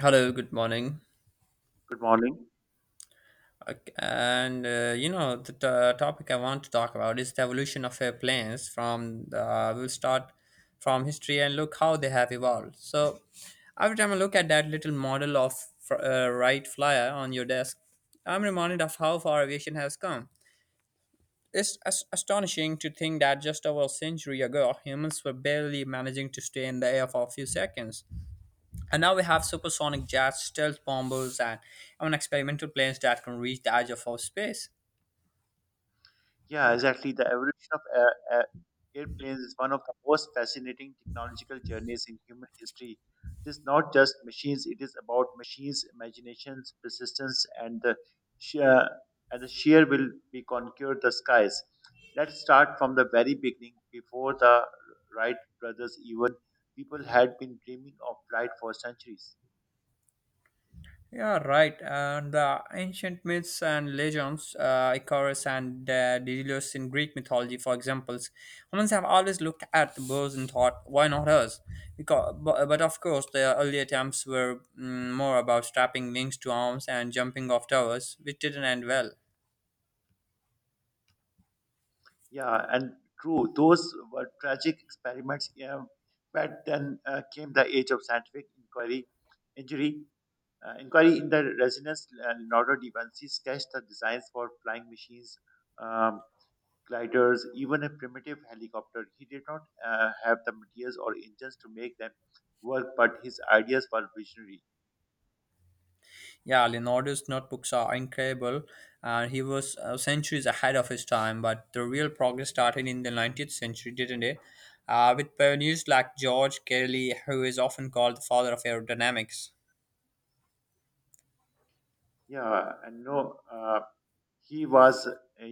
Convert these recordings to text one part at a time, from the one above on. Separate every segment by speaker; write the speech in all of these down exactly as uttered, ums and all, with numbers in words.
Speaker 1: Hello, good morning.
Speaker 2: Good morning.
Speaker 1: Ok- And uh, you know, the t- uh, topic I want to talk about is the evolution of uh, planes from the, we'll start from history and look how they have evolved. So, every time I look at that little model of fr- uh, Wright Flyer on your desk, I'm reminded of how far aviation has come. It's as- astonishing to think that just over a century ago, humans were barely managing to stay in the air for a few seconds. And now we have supersonic jets, stealth bombers, and even experimental planes that can reach the edge of our space.
Speaker 2: Yeah, exactly. The evolution of air, air, airplanes is one of the most fascinating technological journeys in human history. It is not just machines; it is about machines' imaginations, persistence, and the sheer and the sheer will be conquered the skies. Let's start from the very beginning. Before the Wright brothers, even people had been dreaming of flight for centuries.
Speaker 1: Yeah, right. And the ancient myths and legends, uh, Icarus and uh, Daedalus in Greek mythology, for examples, humans have always looked at the birds and thought, why not us? Because, but, but of course, the early attempts were mm, more about strapping wings to arms and jumping off towers, which didn't end well.
Speaker 2: Yeah, and true, those were tragic experiments. Yeah, but then uh, came the age of scientific inquiry, injury, uh, inquiry in the resonance. Uh, Leonardo da Vinci sketched the designs for flying machines, um, gliders, even a primitive helicopter. He did not uh, have the materials or engines to make them work, but his ideas were visionary.
Speaker 1: Yeah, Leonardo's notebooks are incredible, and he was uh, centuries ahead of his time. But the real progress started in the nineteenth century, didn't it? Uh, with pioneers like George Cayley, who is often called the father of aerodynamics.
Speaker 2: Yeah, and no. Uh, He was,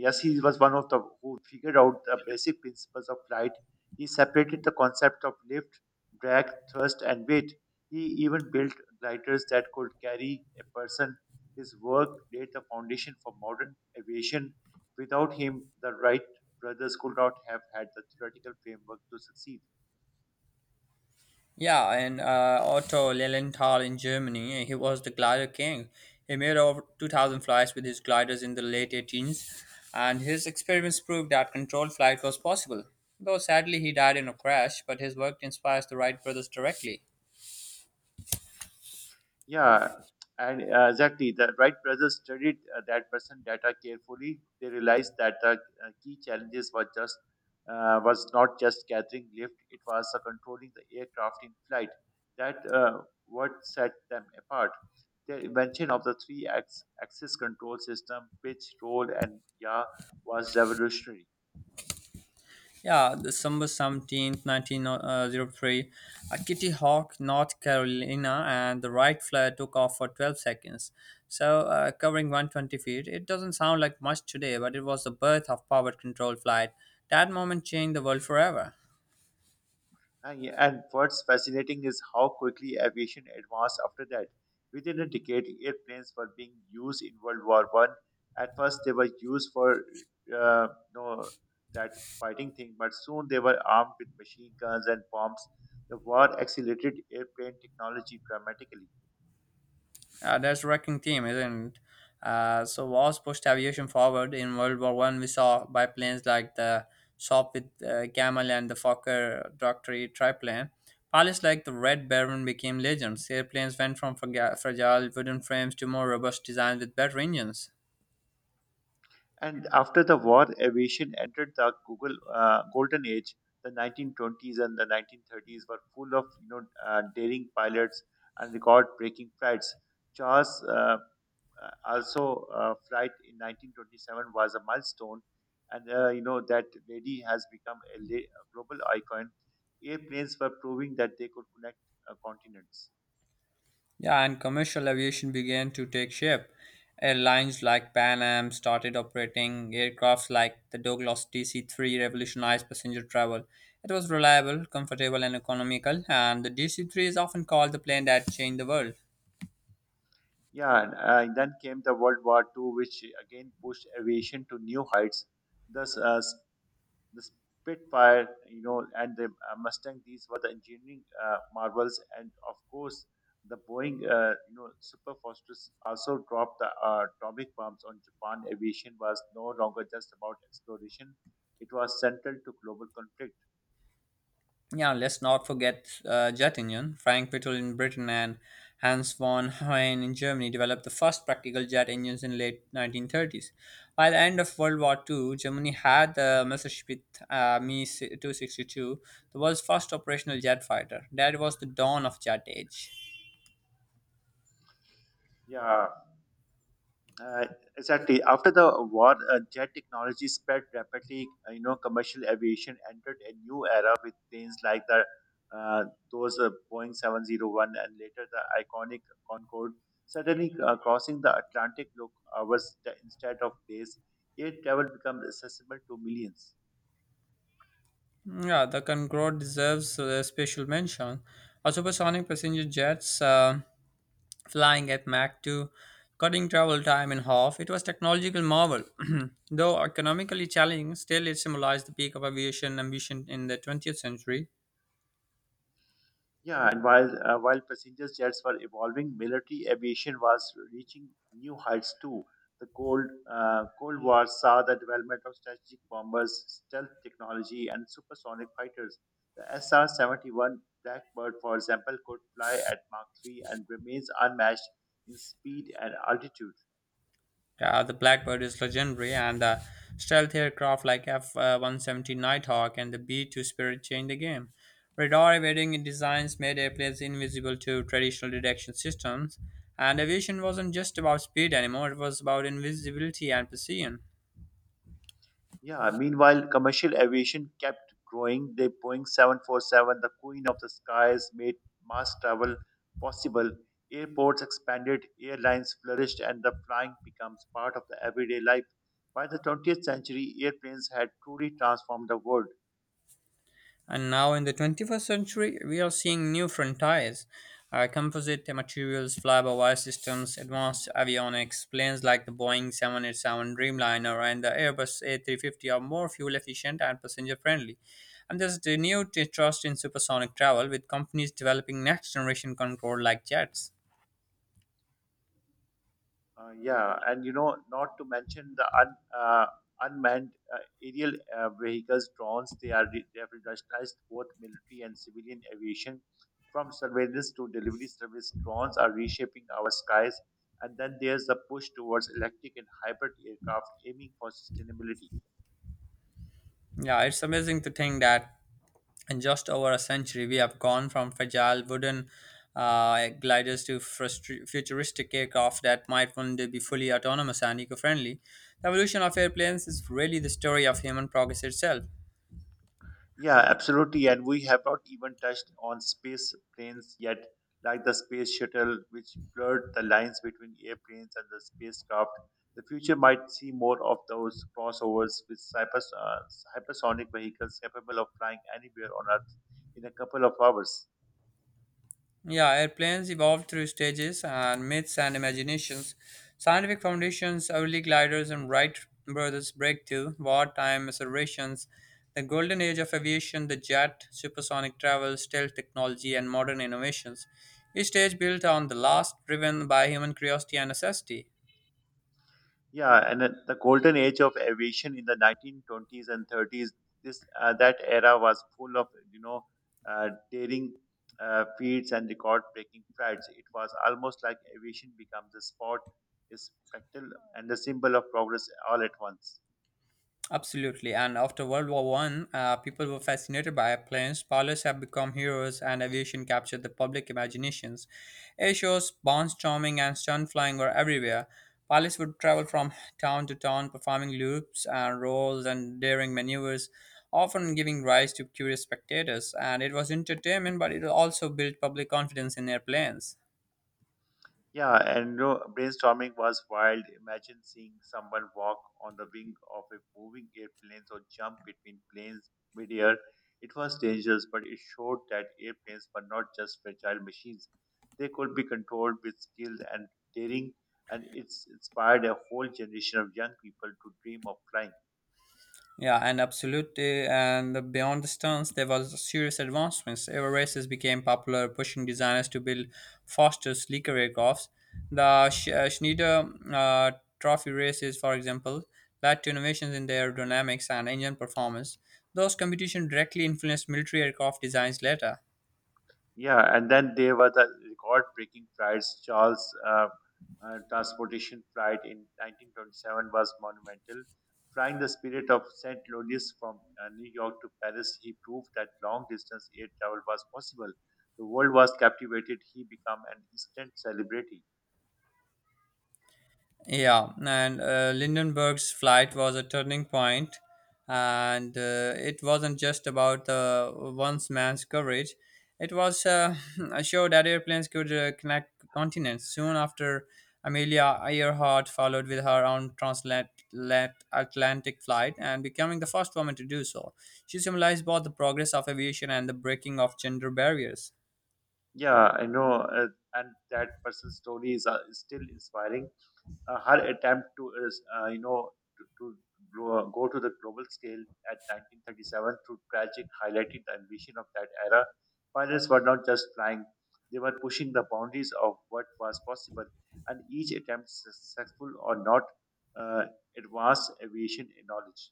Speaker 2: yes, he was one of the who figured out the basic principles of flight. He separated the concept of lift, drag, thrust, and weight. He even built gliders that could carry a person. His work laid the foundation for modern aviation. Without him, the Wright brothers could not have had the theoretical framework to succeed.
Speaker 1: Yeah, and uh, Otto Lilienthal in Germany, he was the glider king. He made over two thousand flights with his gliders in the late eighteens, and his experiments proved that controlled flight was possible. Though sadly he died in a crash, but his work inspires the Wright brothers directly.
Speaker 2: Yeah, and uh, exactly. The Wright brothers studied uh, that person data carefully. They realized that the uh, key challenges were just uh, was not just gathering lift; it was uh, controlling the aircraft in flight. That uh, What set them apart. The invention of the three ax- axis control system, pitch, roll, and yaw, was revolutionary.
Speaker 1: Yeah, December seventeenth, nineteen hundred three, a Kitty Hawk, North Carolina, and the right flare took off for twelve seconds. So, uh, covering one twenty feet, it doesn't sound like much today, but it was the birth of powered control flight. That moment changed the world forever.
Speaker 2: Uh, yeah, and what's fascinating is how quickly aviation advanced after that. Within a decade, airplanes were being used in World War One. At first, they were used for uh, no that fighting thing, but soon they were armed with machine guns and bombs. The war accelerated airplane technology dramatically.
Speaker 1: Uh, that's wrecking team, isn't it? Uh, so wars pushed aviation forward. In World War One, we saw biplanes like the Sop with uh, Camel and the Fokker Dockery triplane. Pilots like the Red Baron became legends. Airplanes went from fraga- fragile wooden frames to more robust designs with better engines.
Speaker 2: And after the war, aviation entered the Google uh, golden age. The nineteen twenties and the nineteen thirties were full of you know uh, daring pilots and record-breaking flights. Charles, uh, uh, also, uh, flight in nineteen twenty-seven was a milestone, and uh, you know that lady has become a, la- a global icon. Airplanes were proving that they could connect uh, continents.
Speaker 1: Yeah, and commercial aviation began to take shape. Airlines like Pan Am started operating aircrafts like the Douglas D C three revolutionized passenger travel. It was reliable, comfortable, and economical, and the D C three is often called the plane that changed the world.
Speaker 2: Yeah, and, uh, and then came the World War Two, which again pushed aviation to new heights. Thus, uh, the Spitfire, you know, and the uh, Mustang. These were the engineering uh, marvels, and of course, the Boeing, uh, you know, Super Fortress also dropped the uh, atomic bombs on Japan. Aviation was no longer just about exploration; it was central to global conflict.
Speaker 1: Yeah, let's not forget uh, jet engine. Frank Whittle in Britain and Hans von Hoyen in Germany developed the first practical jet engines in late nineteen thirties. By the end of World War Two, Germany had the Messerschmitt uh, Me two sixty-two, the world's first operational jet fighter. That was the dawn of jet age.
Speaker 2: Yeah, Uh, exactly. After the war, uh, jet technology spread rapidly. Uh, you know, commercial aviation entered a new era with planes like the uh, those uh, Boeing seven zero one and later the iconic Concorde, suddenly uh, crossing the Atlantic took hours t- instead of days. Air travel becomes accessible to millions.
Speaker 1: Yeah, the Concorde deserves a special mention. Our supersonic passenger jets. Uh, flying at Mach two, cutting travel time in half. It was technological marvel. Though economically challenging, still it symbolized the peak of aviation ambition in the twentieth century.
Speaker 2: Yeah, and while uh, while passenger jets were evolving, military aviation was reaching new heights too. The Cold uh, Cold War saw the development of strategic bombers, stealth technology, and supersonic fighters. The S R seventy-one Blackbird, for example, could fly at Mach three and remains unmatched in speed and altitude.
Speaker 1: Uh, the Blackbird is legendary, and the stealth aircraft like F one seventy Nighthawk and the B two Spirit changed the game. Radar evading designs made airplanes invisible to traditional detection systems, and aviation wasn't just about speed anymore, it was about invisibility and precision.
Speaker 2: Yeah, meanwhile, commercial aviation kept growing. The Boeing seven forty-seven, the queen of the skies, made mass travel possible. Airports expanded, airlines flourished, and the flying becomes part of the everyday life. By the twentieth century, airplanes had truly transformed the world.
Speaker 1: And now in the twenty-first century, we are seeing new frontiers. Uh, composite materials, flyby wire systems, advanced avionics, planes like the Boeing seven eighty-seven Dreamliner and the Airbus A three five zero are more fuel efficient and passenger friendly. And there's renewed trust in supersonic travel with companies developing next generation control like jets.
Speaker 2: Uh, yeah, and you know, not to mention the un, uh, unmanned uh, aerial uh, vehicles, drones. They are re- they have revolutionized both military and civilian aviation. From surveillance to delivery service, drones are reshaping our skies. And then there's the push towards electric and hybrid aircraft, aiming for sustainability.
Speaker 1: Yeah, it's amazing to think that in just over a century, we have gone from fragile wooden uh, gliders to frustri- futuristic aircraft that might one day be fully autonomous and eco friendly. The evolution of airplanes is really the story of human progress itself.
Speaker 2: Yeah, absolutely. And we have not even touched on space planes yet, like the space shuttle, which blurred the lines between airplanes and the spacecraft. The future might see more of those crossovers with cypers, uh, hypersonic vehicles capable of flying anywhere on Earth in a couple of hours.
Speaker 1: Yeah, airplanes evolved through stages and myths and imaginations. Scientific foundations, early gliders, and Wright brothers' breakthrough, wartime observations, the golden age of aviation, the jet, supersonic travel, stealth technology, and modern innovations. Each stage built on the last, driven by human curiosity and necessity.
Speaker 2: Yeah, and at the golden age of aviation in the nineteen twenties and thirties, this uh, that era was full of you know uh, daring uh, feats and record-breaking flights. It was almost like aviation becomes a sport, a spectacle, and a symbol of progress all at once.
Speaker 1: Absolutely. And after World War One, uh, people were fascinated by airplanes. Pilots have become heroes, and aviation captured the public imaginations. Air shows, barnstorming, and stunt flying were everywhere. Pilots would travel from town to town, performing loops and rolls and daring maneuvers, often giving rise to curious spectators. And it was entertainment, but it also built public confidence in airplanes.
Speaker 2: Yeah, and no, brainstorming was wild. Imagine seeing someone walk on the wing of a moving airplane or jump between planes midair. It was dangerous, but it showed that airplanes were not just fragile machines. They could be controlled with skill and daring, and it's inspired a whole generation of young people to dream of flying.
Speaker 1: Yeah, and absolutely. And beyond the stunts, there was serious advancements. Aero races became popular, pushing designers to build faster, sleeker aircrafts. The Sch- uh, Schneider uh, Trophy races, for example, led to innovations in the aerodynamics and engine performance. Those competitions directly influenced military aircraft designs later.
Speaker 2: Yeah, and then there was the record-breaking flights. Charles', uh, uh, transportation flight in nineteen twenty-seven was monumental. Flying the Spirit of Saint Louis from uh, New York to Paris, he proved that long-distance air travel was possible. The world was captivated. He became an instant celebrity.
Speaker 1: Yeah, and uh, Lindenberg's flight was a turning point, and uh, it wasn't just about the once man's courage. It was uh, a show that airplanes could uh, connect continents. Soon after, Amelia Earhart followed with her own transatlantic flight and becoming the first woman to do so. She symbolized both the progress of aviation and the breaking of gender barriers.
Speaker 2: Yeah, I know, uh, and that person's story is uh, still inspiring. Uh, her attempt to is, uh, you know to, to grow, go to the global scale at nineteen thirty-seven through tragic highlighted the ambition of that era. Pilots were not just flying; they were pushing the boundaries of what was possible, and each attempt, successful or not, uh, advanced aviation knowledge.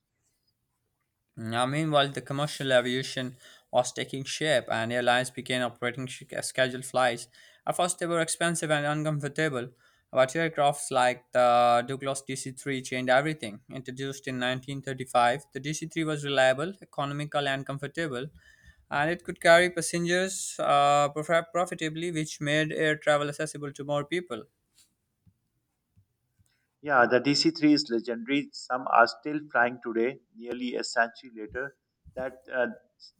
Speaker 1: Now, meanwhile, the commercial aviation was taking shape, and airlines began operating sh- scheduled flights. At first, they were expensive and uncomfortable, but aircrafts like the Douglas D C three changed everything. Introduced in nineteen thirty-five, the D C three was reliable, economical, and comfortable, and it could carry passengers uh, prof- profitably, which made air travel accessible to more people.
Speaker 2: Yeah, the D C three is legendary. Some are still flying today, nearly a century later. That uh,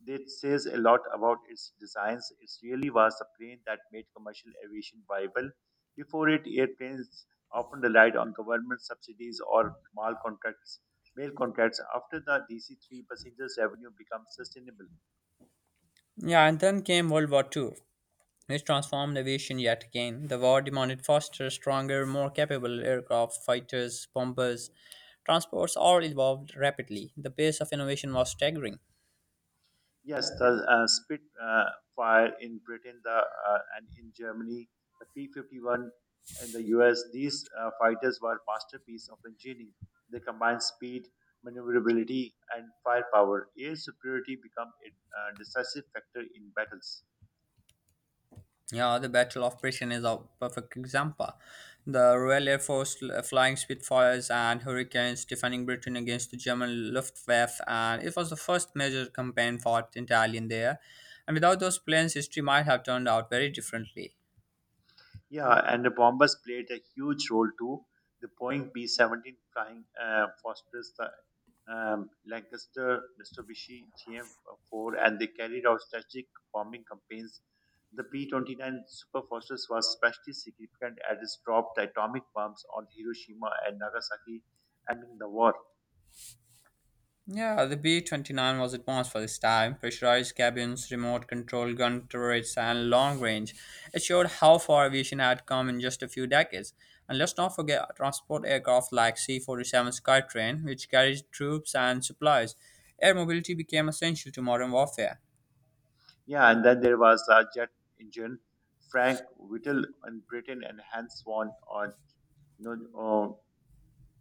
Speaker 2: that says a lot about its designs. It really was a plane that made commercial aviation viable. Before it, airplanes often relied on government subsidies or mail contracts. Mail contracts. After the D C three, passengers' revenue becomes sustainable.
Speaker 1: Yeah, and then came World War Two, which transformed aviation yet again. The war demanded faster, stronger, more capable aircraft, fighters, bombers, transports all evolved rapidly. The pace of innovation was staggering.
Speaker 2: Yes, the uh, Spit uh, fire in Britain, the uh, and in Germany, the P fifty-one in the U S. These uh, fighters were masterpiece of engineering. They combined speed, maneuverability, and firepower. Air superiority became a uh, decisive factor in battles.
Speaker 1: Yeah, the Battle of Britain is a perfect example. The Royal Air Force l- flying Spitfires and Hurricanes defending Britain against the German Luftwaffe, and it was the first major campaign fought entirely in the air. And without those planes, history might have turned out very differently.
Speaker 2: Yeah, and the bombers played a huge role too. The Boeing B seventeen flying uh, fosters the um, Lancaster, Mitsubishi, G M four, and they carried out strategic bombing campaigns. The B twenty-nine Super Fortress was especially significant as it dropped the atomic bombs on Hiroshima and Nagasaki, ending the war.
Speaker 1: Yeah, the B twenty-nine was advanced for this time. Pressurized cabins, remote control gun turrets, and long range. It showed how far aviation had come in just a few decades. And let's not forget transport aircraft like C forty-seven Skytrain, which carried troops and supplies. Air mobility became essential to modern warfare.
Speaker 2: Yeah, and then there was the jet engine. Frank Whittle in Britain, and Hans Swan on you know, uh,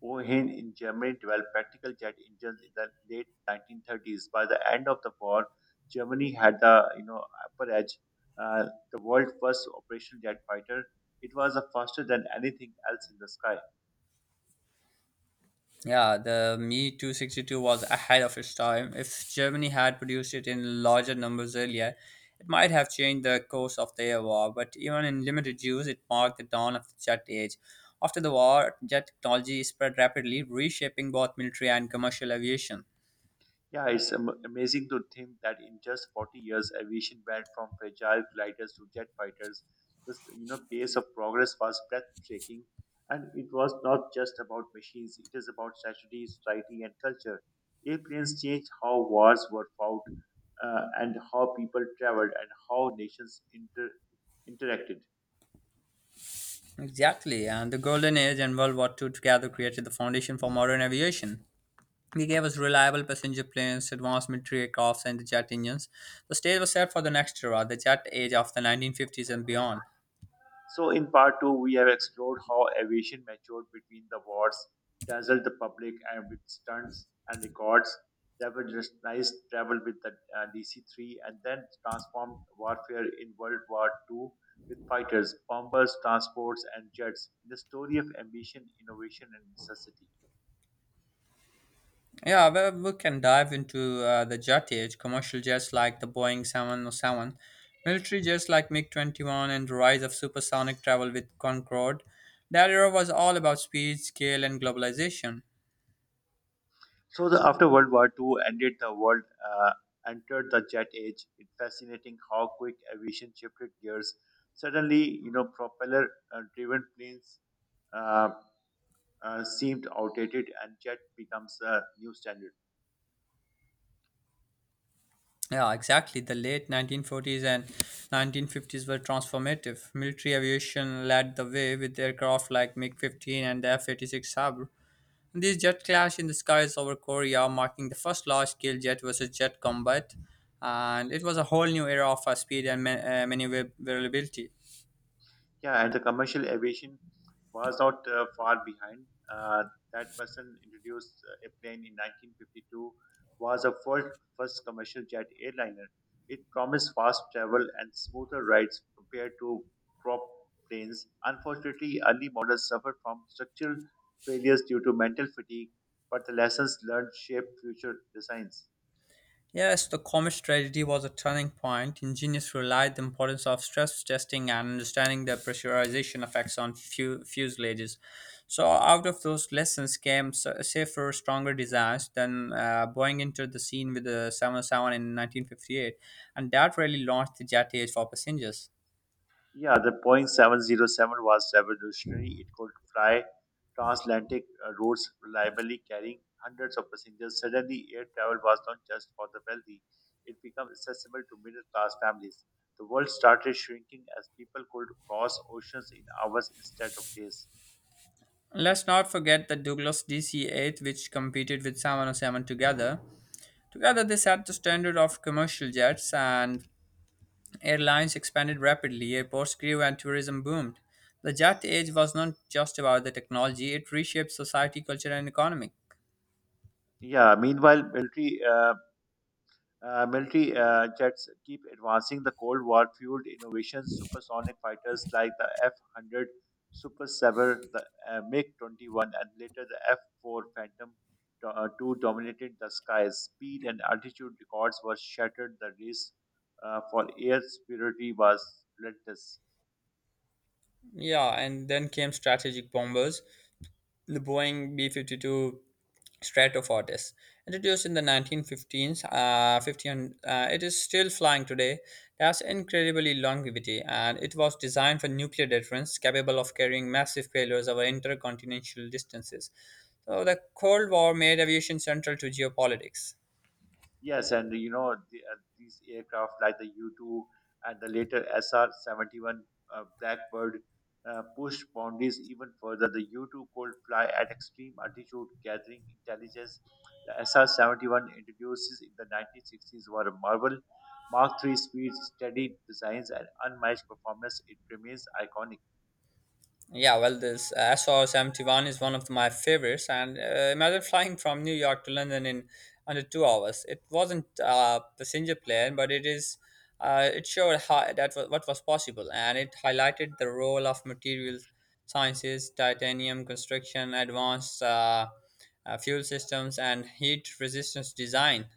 Speaker 2: Ohane in Germany developed practical jet engines in the late nineteen thirties. By the end of the war, Germany had the you know upper edge. Uh, the world's first operational jet fighter, it was uh, faster than anything else in the sky.
Speaker 1: Yeah, the Me two sixty-two was ahead of its time. If Germany had produced it in larger numbers earlier, it might have changed the course of their war, but even in limited use, it marked the dawn of the jet age. After the war, jet technology spread rapidly, reshaping both military and commercial aviation.
Speaker 2: Yeah, it's am- amazing to think that in just forty years, aviation went from fragile gliders to jet fighters. This, you know, pace of progress was breathtaking, and it was not just about machines. It is about strategy, society, and culture. Airplanes changed how wars were fought, uh, and how people traveled, and how nations inter- interacted.
Speaker 1: Exactly, and the Golden Age and World War Two together created the foundation for modern aviation. They gave us reliable passenger planes, advanced military aircrafts, and jet engines. The stage was set for the next era, the jet age of the nineteen fifties and beyond.
Speaker 2: So, in part two, we have explored how aviation matured between the wars, dazzled the public and with stunts and records, revolutionized travel with the uh, D C three, and then transformed warfare in World War Two with fighters, bombers, transports, and jets in the story of ambition, innovation, and necessity.
Speaker 1: Yeah, well, we can dive into uh, the jet age, commercial jets like the Boeing seven oh seven, military jets like MiG twenty-one, and the rise of supersonic travel with Concorde. That era was all about speed, scale, and globalization.
Speaker 2: So the, after World War Two ended, the world uh, entered the jet age. It's fascinating how quick aviation shifted gears. Suddenly, you know, propeller-driven planes uh, uh, seemed outdated, and jet becomes a new standard.
Speaker 1: Yeah, exactly. The late nineteen forties and nineteen fifties were transformative. Military aviation led the way with aircraft like MiG fifteen and the F eighty-six Sabre. These jets clashed in the skies over Korea, marking the first large scale jet versus jet combat. And it was a whole new era of uh, speed and ma- uh, maneuverability.
Speaker 2: Yeah, and the commercial aviation was not uh, far behind. Uh, that person introduced uh, a plane in nineteen fifty-two was a first, first commercial jet airliner. It promised fast travel and smoother rides compared to prop planes. Unfortunately, early models suffered from structural failures due to mental fatigue, but the lessons learned shaped future designs.
Speaker 1: Yes, the Comet tragedy was a turning point. Engineers realized the importance of stress testing and understanding the pressurization effects on fu- fuselages. So, out of those lessons came s- safer, stronger designs. Then, uh, Boeing entered the scene with the seven oh seven in nineteen fifty-eight, and that really launched the jet age for passengers.
Speaker 2: Yeah, the Boeing seven zero seven was revolutionary. It could fly transatlantic uh, routes reliably, carrying hundreds of passengers. Suddenly, air travel was not just for the wealthy, it became accessible to middle class families. The world started shrinking as people could cross oceans in hours instead of days.
Speaker 1: Let's not forget the Douglas D C eight, which competed with seven oh seven together. Together, they set the standard of commercial jets, and Airlines expanded rapidly, airports grew, and tourism boomed. The jet age was not just about the technology, it reshaped society, culture, and economy.
Speaker 2: Yeah, meanwhile, military uh, Uh, military uh, jets keep advancing the Cold War fueled innovations. Supersonic fighters like the F one hundred Super Sabre, the uh, MiG twenty-one, and later the F four Phantom do- uh, two dominated the skies. Speed and altitude records were shattered. The race uh, for air superiority was relentless.
Speaker 1: Yeah, and then came strategic bombers. the Boeing B fifty-two Stratofortis. Introduced in the nineteen fifteens, uh, fifteen, uh, it is still flying today. It has incredibly longevity and it was designed for nuclear deterrence, capable of carrying massive payloads over intercontinental distances. So the Cold War made aviation central to geopolitics.
Speaker 2: Yes, and you know the, uh, these aircraft like the U two and the later S R seventy-one uh, Blackbird uh, pushed boundaries even further. The U two could fly at extreme altitude, gathering intelligence. The S R seventy-one introduces in the nineteen sixties were a marvel. Mark three speed, steady designs, and unmatched performance. It remains iconic.
Speaker 1: Yeah, well, this S R seventy-one is one of my favorites. And uh, imagine flying from New York to London in under two hours. It wasn't a passenger plane, but it is. Uh, it showed how, that wa- what was possible, and it highlighted the role of materials sciences, titanium construction, advanced uh, uh, fuel systems, and heat resistance design.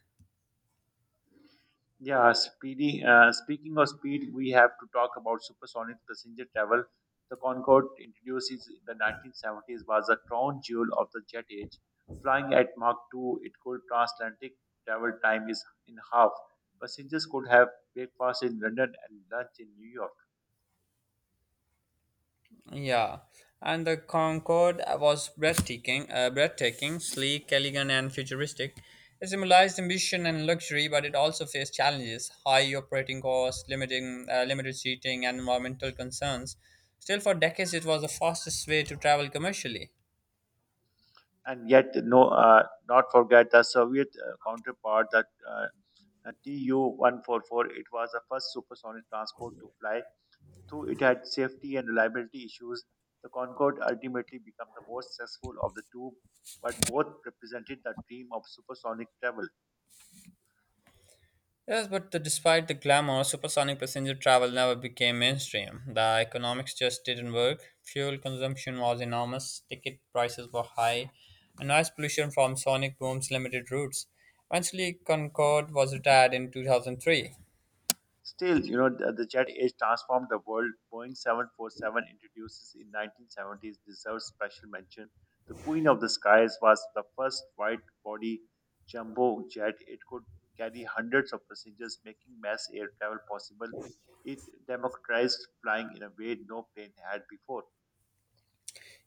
Speaker 2: Yeah, speedy, uh, speaking of speed, we have to talk about supersonic passenger travel. The Concorde, introduced in the nineteen seventies, was a crown jewel of the jet age. Flying at Mach two, it could transatlantic travel time is in half. Passengers could have breakfast in London and lunch in New York.
Speaker 1: Yeah, and the Concorde was breathtaking, uh, breathtaking, sleek, elegant, and futuristic. It symbolized ambition and luxury, but it also faced challenges: high operating costs, limiting, uh, limited seating, and environmental concerns. Still, for decades, it was the fastest way to travel commercially.
Speaker 2: And yet, no, uh, not forget the Soviet uh, counterpart, the uh, T U one forty-four. It was the first supersonic transport to fly. Though it had safety and reliability issues, the Concorde ultimately became the most successful of the two, but both represented the dream of supersonic travel.
Speaker 1: Yes, but the, despite the glamour, supersonic passenger travel never became mainstream. The economics just didn't work. Fuel consumption was enormous, ticket prices were high, and noise pollution from sonic booms limited routes. Eventually, Concorde was retired in two thousand three.
Speaker 2: Still, you know, the, the jet age transformed the world. Boeing seven forty-seven introduces in nineteen seventies deserves special mention. The Queen of the Skies was the first wide-body jumbo jet. It could carry hundreds of passengers, making mass air travel possible. It democratized flying in a way no plane had before.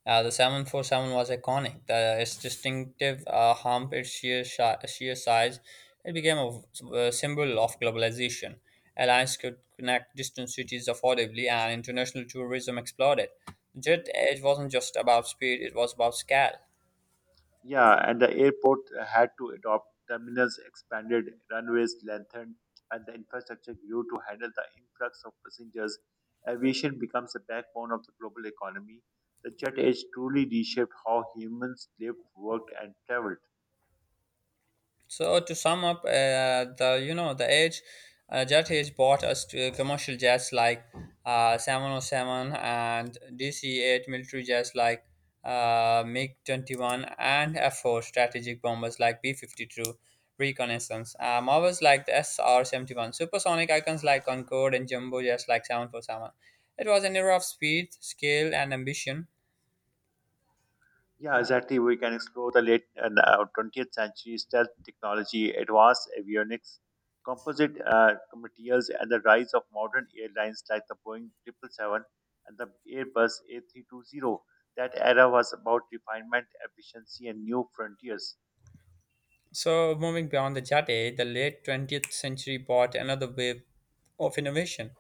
Speaker 1: Uh, the seven forty-seven was iconic. The, its distinctive uh, hump, its sheer, shi sheer size, it became a, a symbol of globalization. Airlines could connect distant cities affordably, and international tourism exploded. The jet, it wasn't just about speed, it was about scale.
Speaker 2: Yeah, and the airport had to adopt terminals, expanded runways, lengthened, and the infrastructure grew to handle the influx of passengers. Aviation becomes the backbone of the global economy. The jet age truly reshaped how humans lived, worked, and traveled.
Speaker 1: So to sum up, uh, the you know the age, uh, jet age bought us to commercial jets like uh, seven oh seven and D C eight, military jets like uh, MiG twenty-one and F four, strategic bombers like B fifty-two, reconnaissance. Uh, Marvels like the S R seventy-one, supersonic icons like Concorde, and jumbo jets like seven forty-seven. It was an era of speed, skill, and ambition.
Speaker 2: Yeah, exactly. We can explore the late and uh, twentieth century stealth technology, advanced avionics, composite uh, materials, and the rise of modern airlines like the Boeing seven seventy-seven and the Airbus A three twenty. That era was about refinement, efficiency, and new frontiers.
Speaker 1: So moving beyond the jet age, the late twentieth century brought another wave of innovation.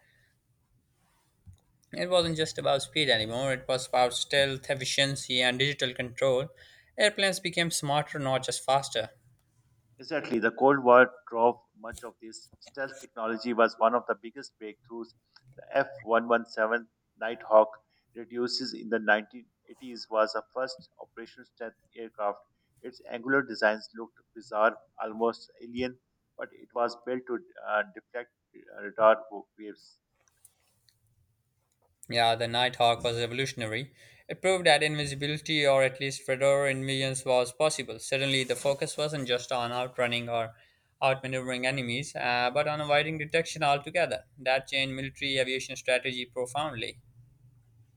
Speaker 1: It wasn't just about speed anymore, it was about stealth, efficiency, and digital control. Airplanes became smarter, not just faster.
Speaker 2: Exactly. The Cold War drove much of this. Stealth technology was one of the biggest breakthroughs. The F one one seven Nighthawk reduces in the nineteen eighties was the first operational stealth aircraft. Its angular designs looked bizarre, almost alien, but it was built to uh, deflect uh, radar waves.
Speaker 1: Yeah, the Nighthawk was revolutionary. It proved that invisibility, or at least radar in, was possible. Suddenly, the focus wasn't just on outrunning or outmaneuvering enemies, uh, but on avoiding detection altogether. That changed military aviation strategy profoundly.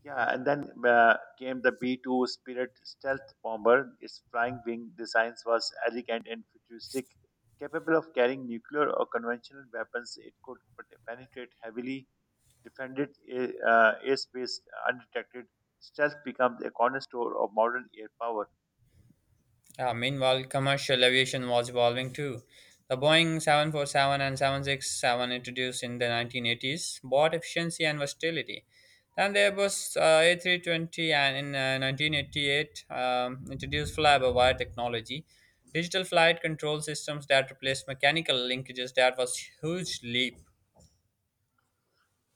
Speaker 2: Yeah, and then uh, came the B two Spirit stealth bomber. Its flying wing designs was elegant and futuristic, capable of carrying nuclear or conventional weapons. It could pe- penetrate heavily defended a- uh, airspace undetected. Stealth becomes a cornerstone of modern air power.
Speaker 1: Uh, meanwhile, commercial aviation was evolving too. The Boeing seven forty-seven and seven sixty-seven introduced in the nineteen eighties brought efficiency and versatility. Then the Airbus uh, A three twenty, and in uh, nineteen eighty-eight um, introduced fly-by-wire technology, digital flight control systems that replaced mechanical linkages. That was huge leap.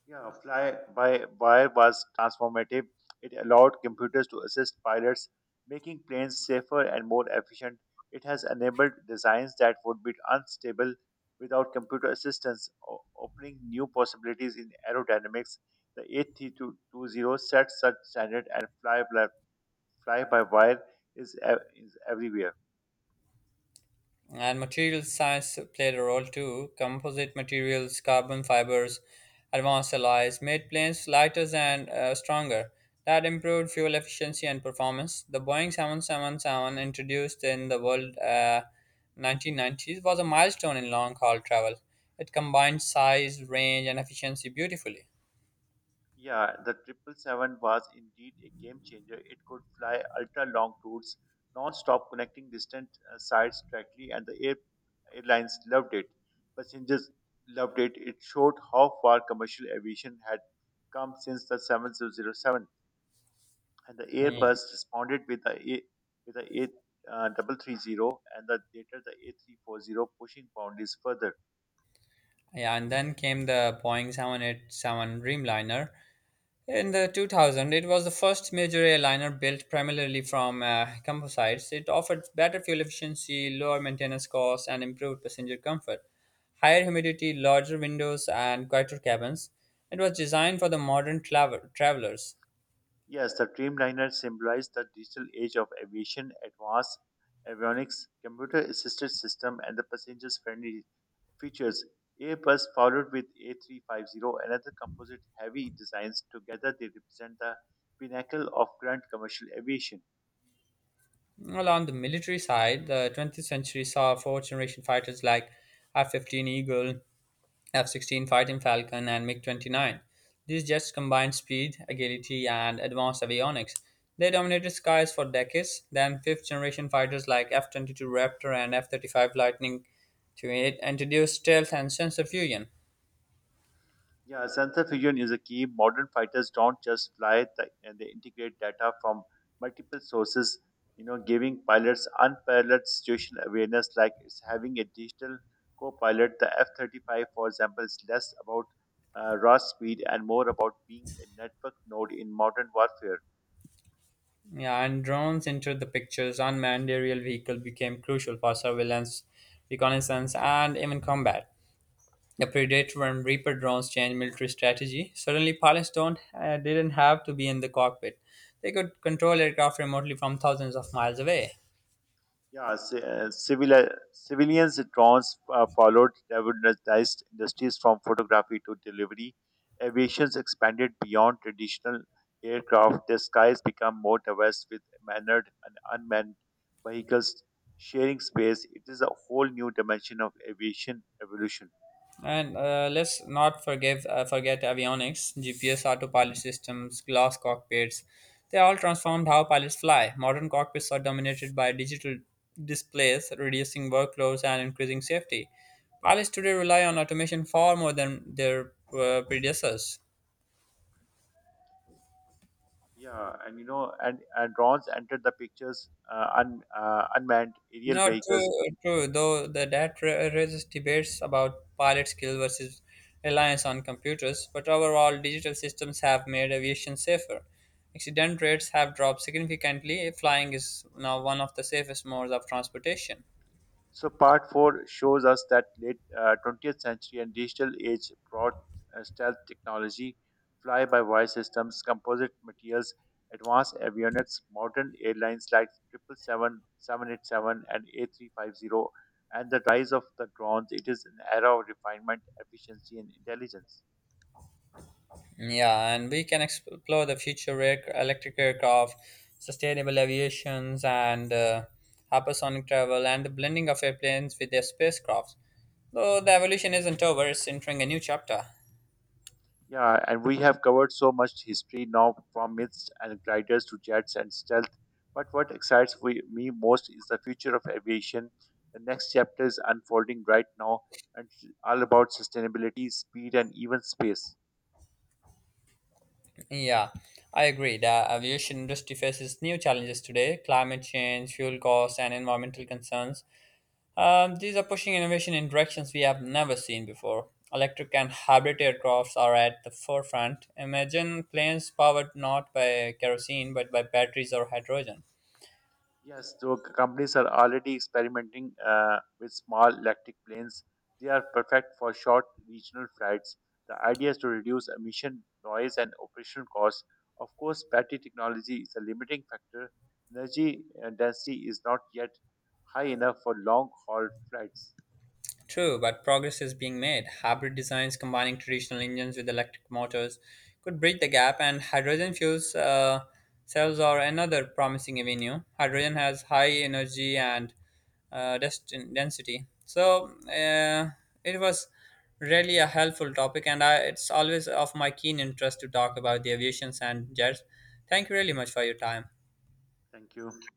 Speaker 2: Yeah, fly by wire was transformative. It allowed computers to assist pilots, making planes safer and more efficient. It has enabled designs that would be unstable without computer assistance, o- opening new possibilities in aerodynamics. The A three twenty sets such standard and fly by, fly by wire is, ev- is everywhere.
Speaker 1: And material science played a role too. Composite materials, carbon fibers, advanced alloys made planes lighter and uh, stronger. That improved fuel efficiency and performance. The Boeing seven seventy-seven introduced in the world uh, nineteen nineties was a milestone in long haul travel. It combined size, range, and efficiency beautifully.
Speaker 2: Yeah, the seven seventy-seven was indeed a game changer. It could fly ultra long routes, non stop connecting distant uh, sites directly, and the air- airlines loved it. Passengers loved it. It showed how far commercial aviation had come since the seven thousand seven. And the
Speaker 1: Yeah.
Speaker 2: Airbus responded with the A, with the A, uh, three thirty and the later the A three forty, pushing boundaries further.
Speaker 1: yeah, and then came the Boeing seven eighty-seven Dreamliner. In the two thousand, it was the first major airliner built primarily from uh, composites. It offered better fuel efficiency, lower maintenance costs, and improved passenger comfort. Higher humidity, larger windows, and quieter cabins. It was designed for the modern travel- travelers.
Speaker 2: Yes, the Dreamliner symbolized the digital age of aviation, advanced avionics, computer assisted system, and the passengers friendly features. Airbus followed with A three fifty and other composite heavy designs. Together, they represent the pinnacle of grand commercial aviation.
Speaker 1: Well, on the military side, the twentieth century saw fourth generation fighters like F fifteen Eagle, F sixteen Fighting Falcon, and MiG twenty-nine. These jets combined speed, agility, and advanced avionics. They dominated skies for decades. Then, fifth generation fighters like F twenty-two Raptor and F thirty-five Lightning to it introduced stealth and sensor fusion.
Speaker 2: Yeah, sensor fusion is a key. Modern fighters don't just fly, th- and they integrate data from multiple sources, you know, giving pilots unparalleled situational awareness like it's having a digital co-pilot. The F thirty-five, for example, is less about uh, raw speed and more about being a network node in modern warfare.
Speaker 1: Yeah, and drones entered the pictures. Unmanned aerial vehicle became crucial for surveillance, reconnaissance, and even combat. The Predator and Reaper drones changed military strategy. Suddenly, pilots don't uh, didn't have to be in the cockpit; they could control aircraft remotely from thousands of miles away.
Speaker 2: Yeah, ci- uh, civil, uh, civilians drones uh, followed revolutionized industries from photography to delivery. Aviations expanded beyond traditional aircraft. The skies become more diverse with manned and unmanned vehicles sharing space. It is a whole new dimension of aviation evolution.
Speaker 1: And uh, let's not forgive uh, forget avionics, G P S, autopilot systems, glass cockpits. They all transformed how pilots fly. Modern cockpits are dominated by digital displays, reducing workloads and increasing safety. Pilots today rely on automation far more than their uh, predecessors.
Speaker 2: Yeah, and you know, and, and drones entered the pictures, uh, un, uh, unmanned aerial
Speaker 1: No,
Speaker 2: vehicles.
Speaker 1: true, true. Though the that ra- raises debates about pilot skill versus reliance on computers, but overall, digital systems have made aviation safer. Accident rates have dropped significantly. Flying is now one of the safest modes of transportation.
Speaker 2: So part four shows us that late uh, twentieth century and digital age brought uh, stealth technology, fly-by-wire systems, composite materials, advanced avionics, modern airlines like Triple Seven, Seven Eight Seven, and A three fifty, and the rise of the drones. It is an era of refinement, efficiency, and intelligence.
Speaker 1: Yeah, and we can explore the future air- electric aircraft, sustainable aviations, and uh, hypersonic travel, and the blending of airplanes with their spacecrafts. Though the evolution isn't over, it's entering a new chapter.
Speaker 2: Yeah, and we have covered so much history now from myths and gliders to jets and stealth. But what excites we, me most is the future of aviation. The next chapter is unfolding right now and it's all about sustainability, speed, and even space.
Speaker 1: Yeah, I agree. The aviation industry faces new challenges today: climate change, fuel costs, and environmental concerns. Um, these are pushing innovation in directions we have never seen before. Electric and hybrid aircrafts are at the forefront. Imagine planes powered not by kerosene but by batteries or hydrogen.
Speaker 2: Yes, so c- companies are already experimenting uh, with small electric planes. They are perfect for short regional flights. The idea is to reduce emission, noise, and operational costs. Of course, battery technology is a limiting factor. Energy uh, density is not yet high enough for long haul flights.
Speaker 1: True, but progress is being made. Hybrid designs combining traditional engines with electric motors could bridge the gap, and hydrogen fuels uh, cells are another promising avenue. Hydrogen has high energy and uh, dest- density, so uh, it was really a helpful topic, and I, it's always of my keen interest to talk about the aviations and jets. Thank you really much for your time.
Speaker 2: Thank you.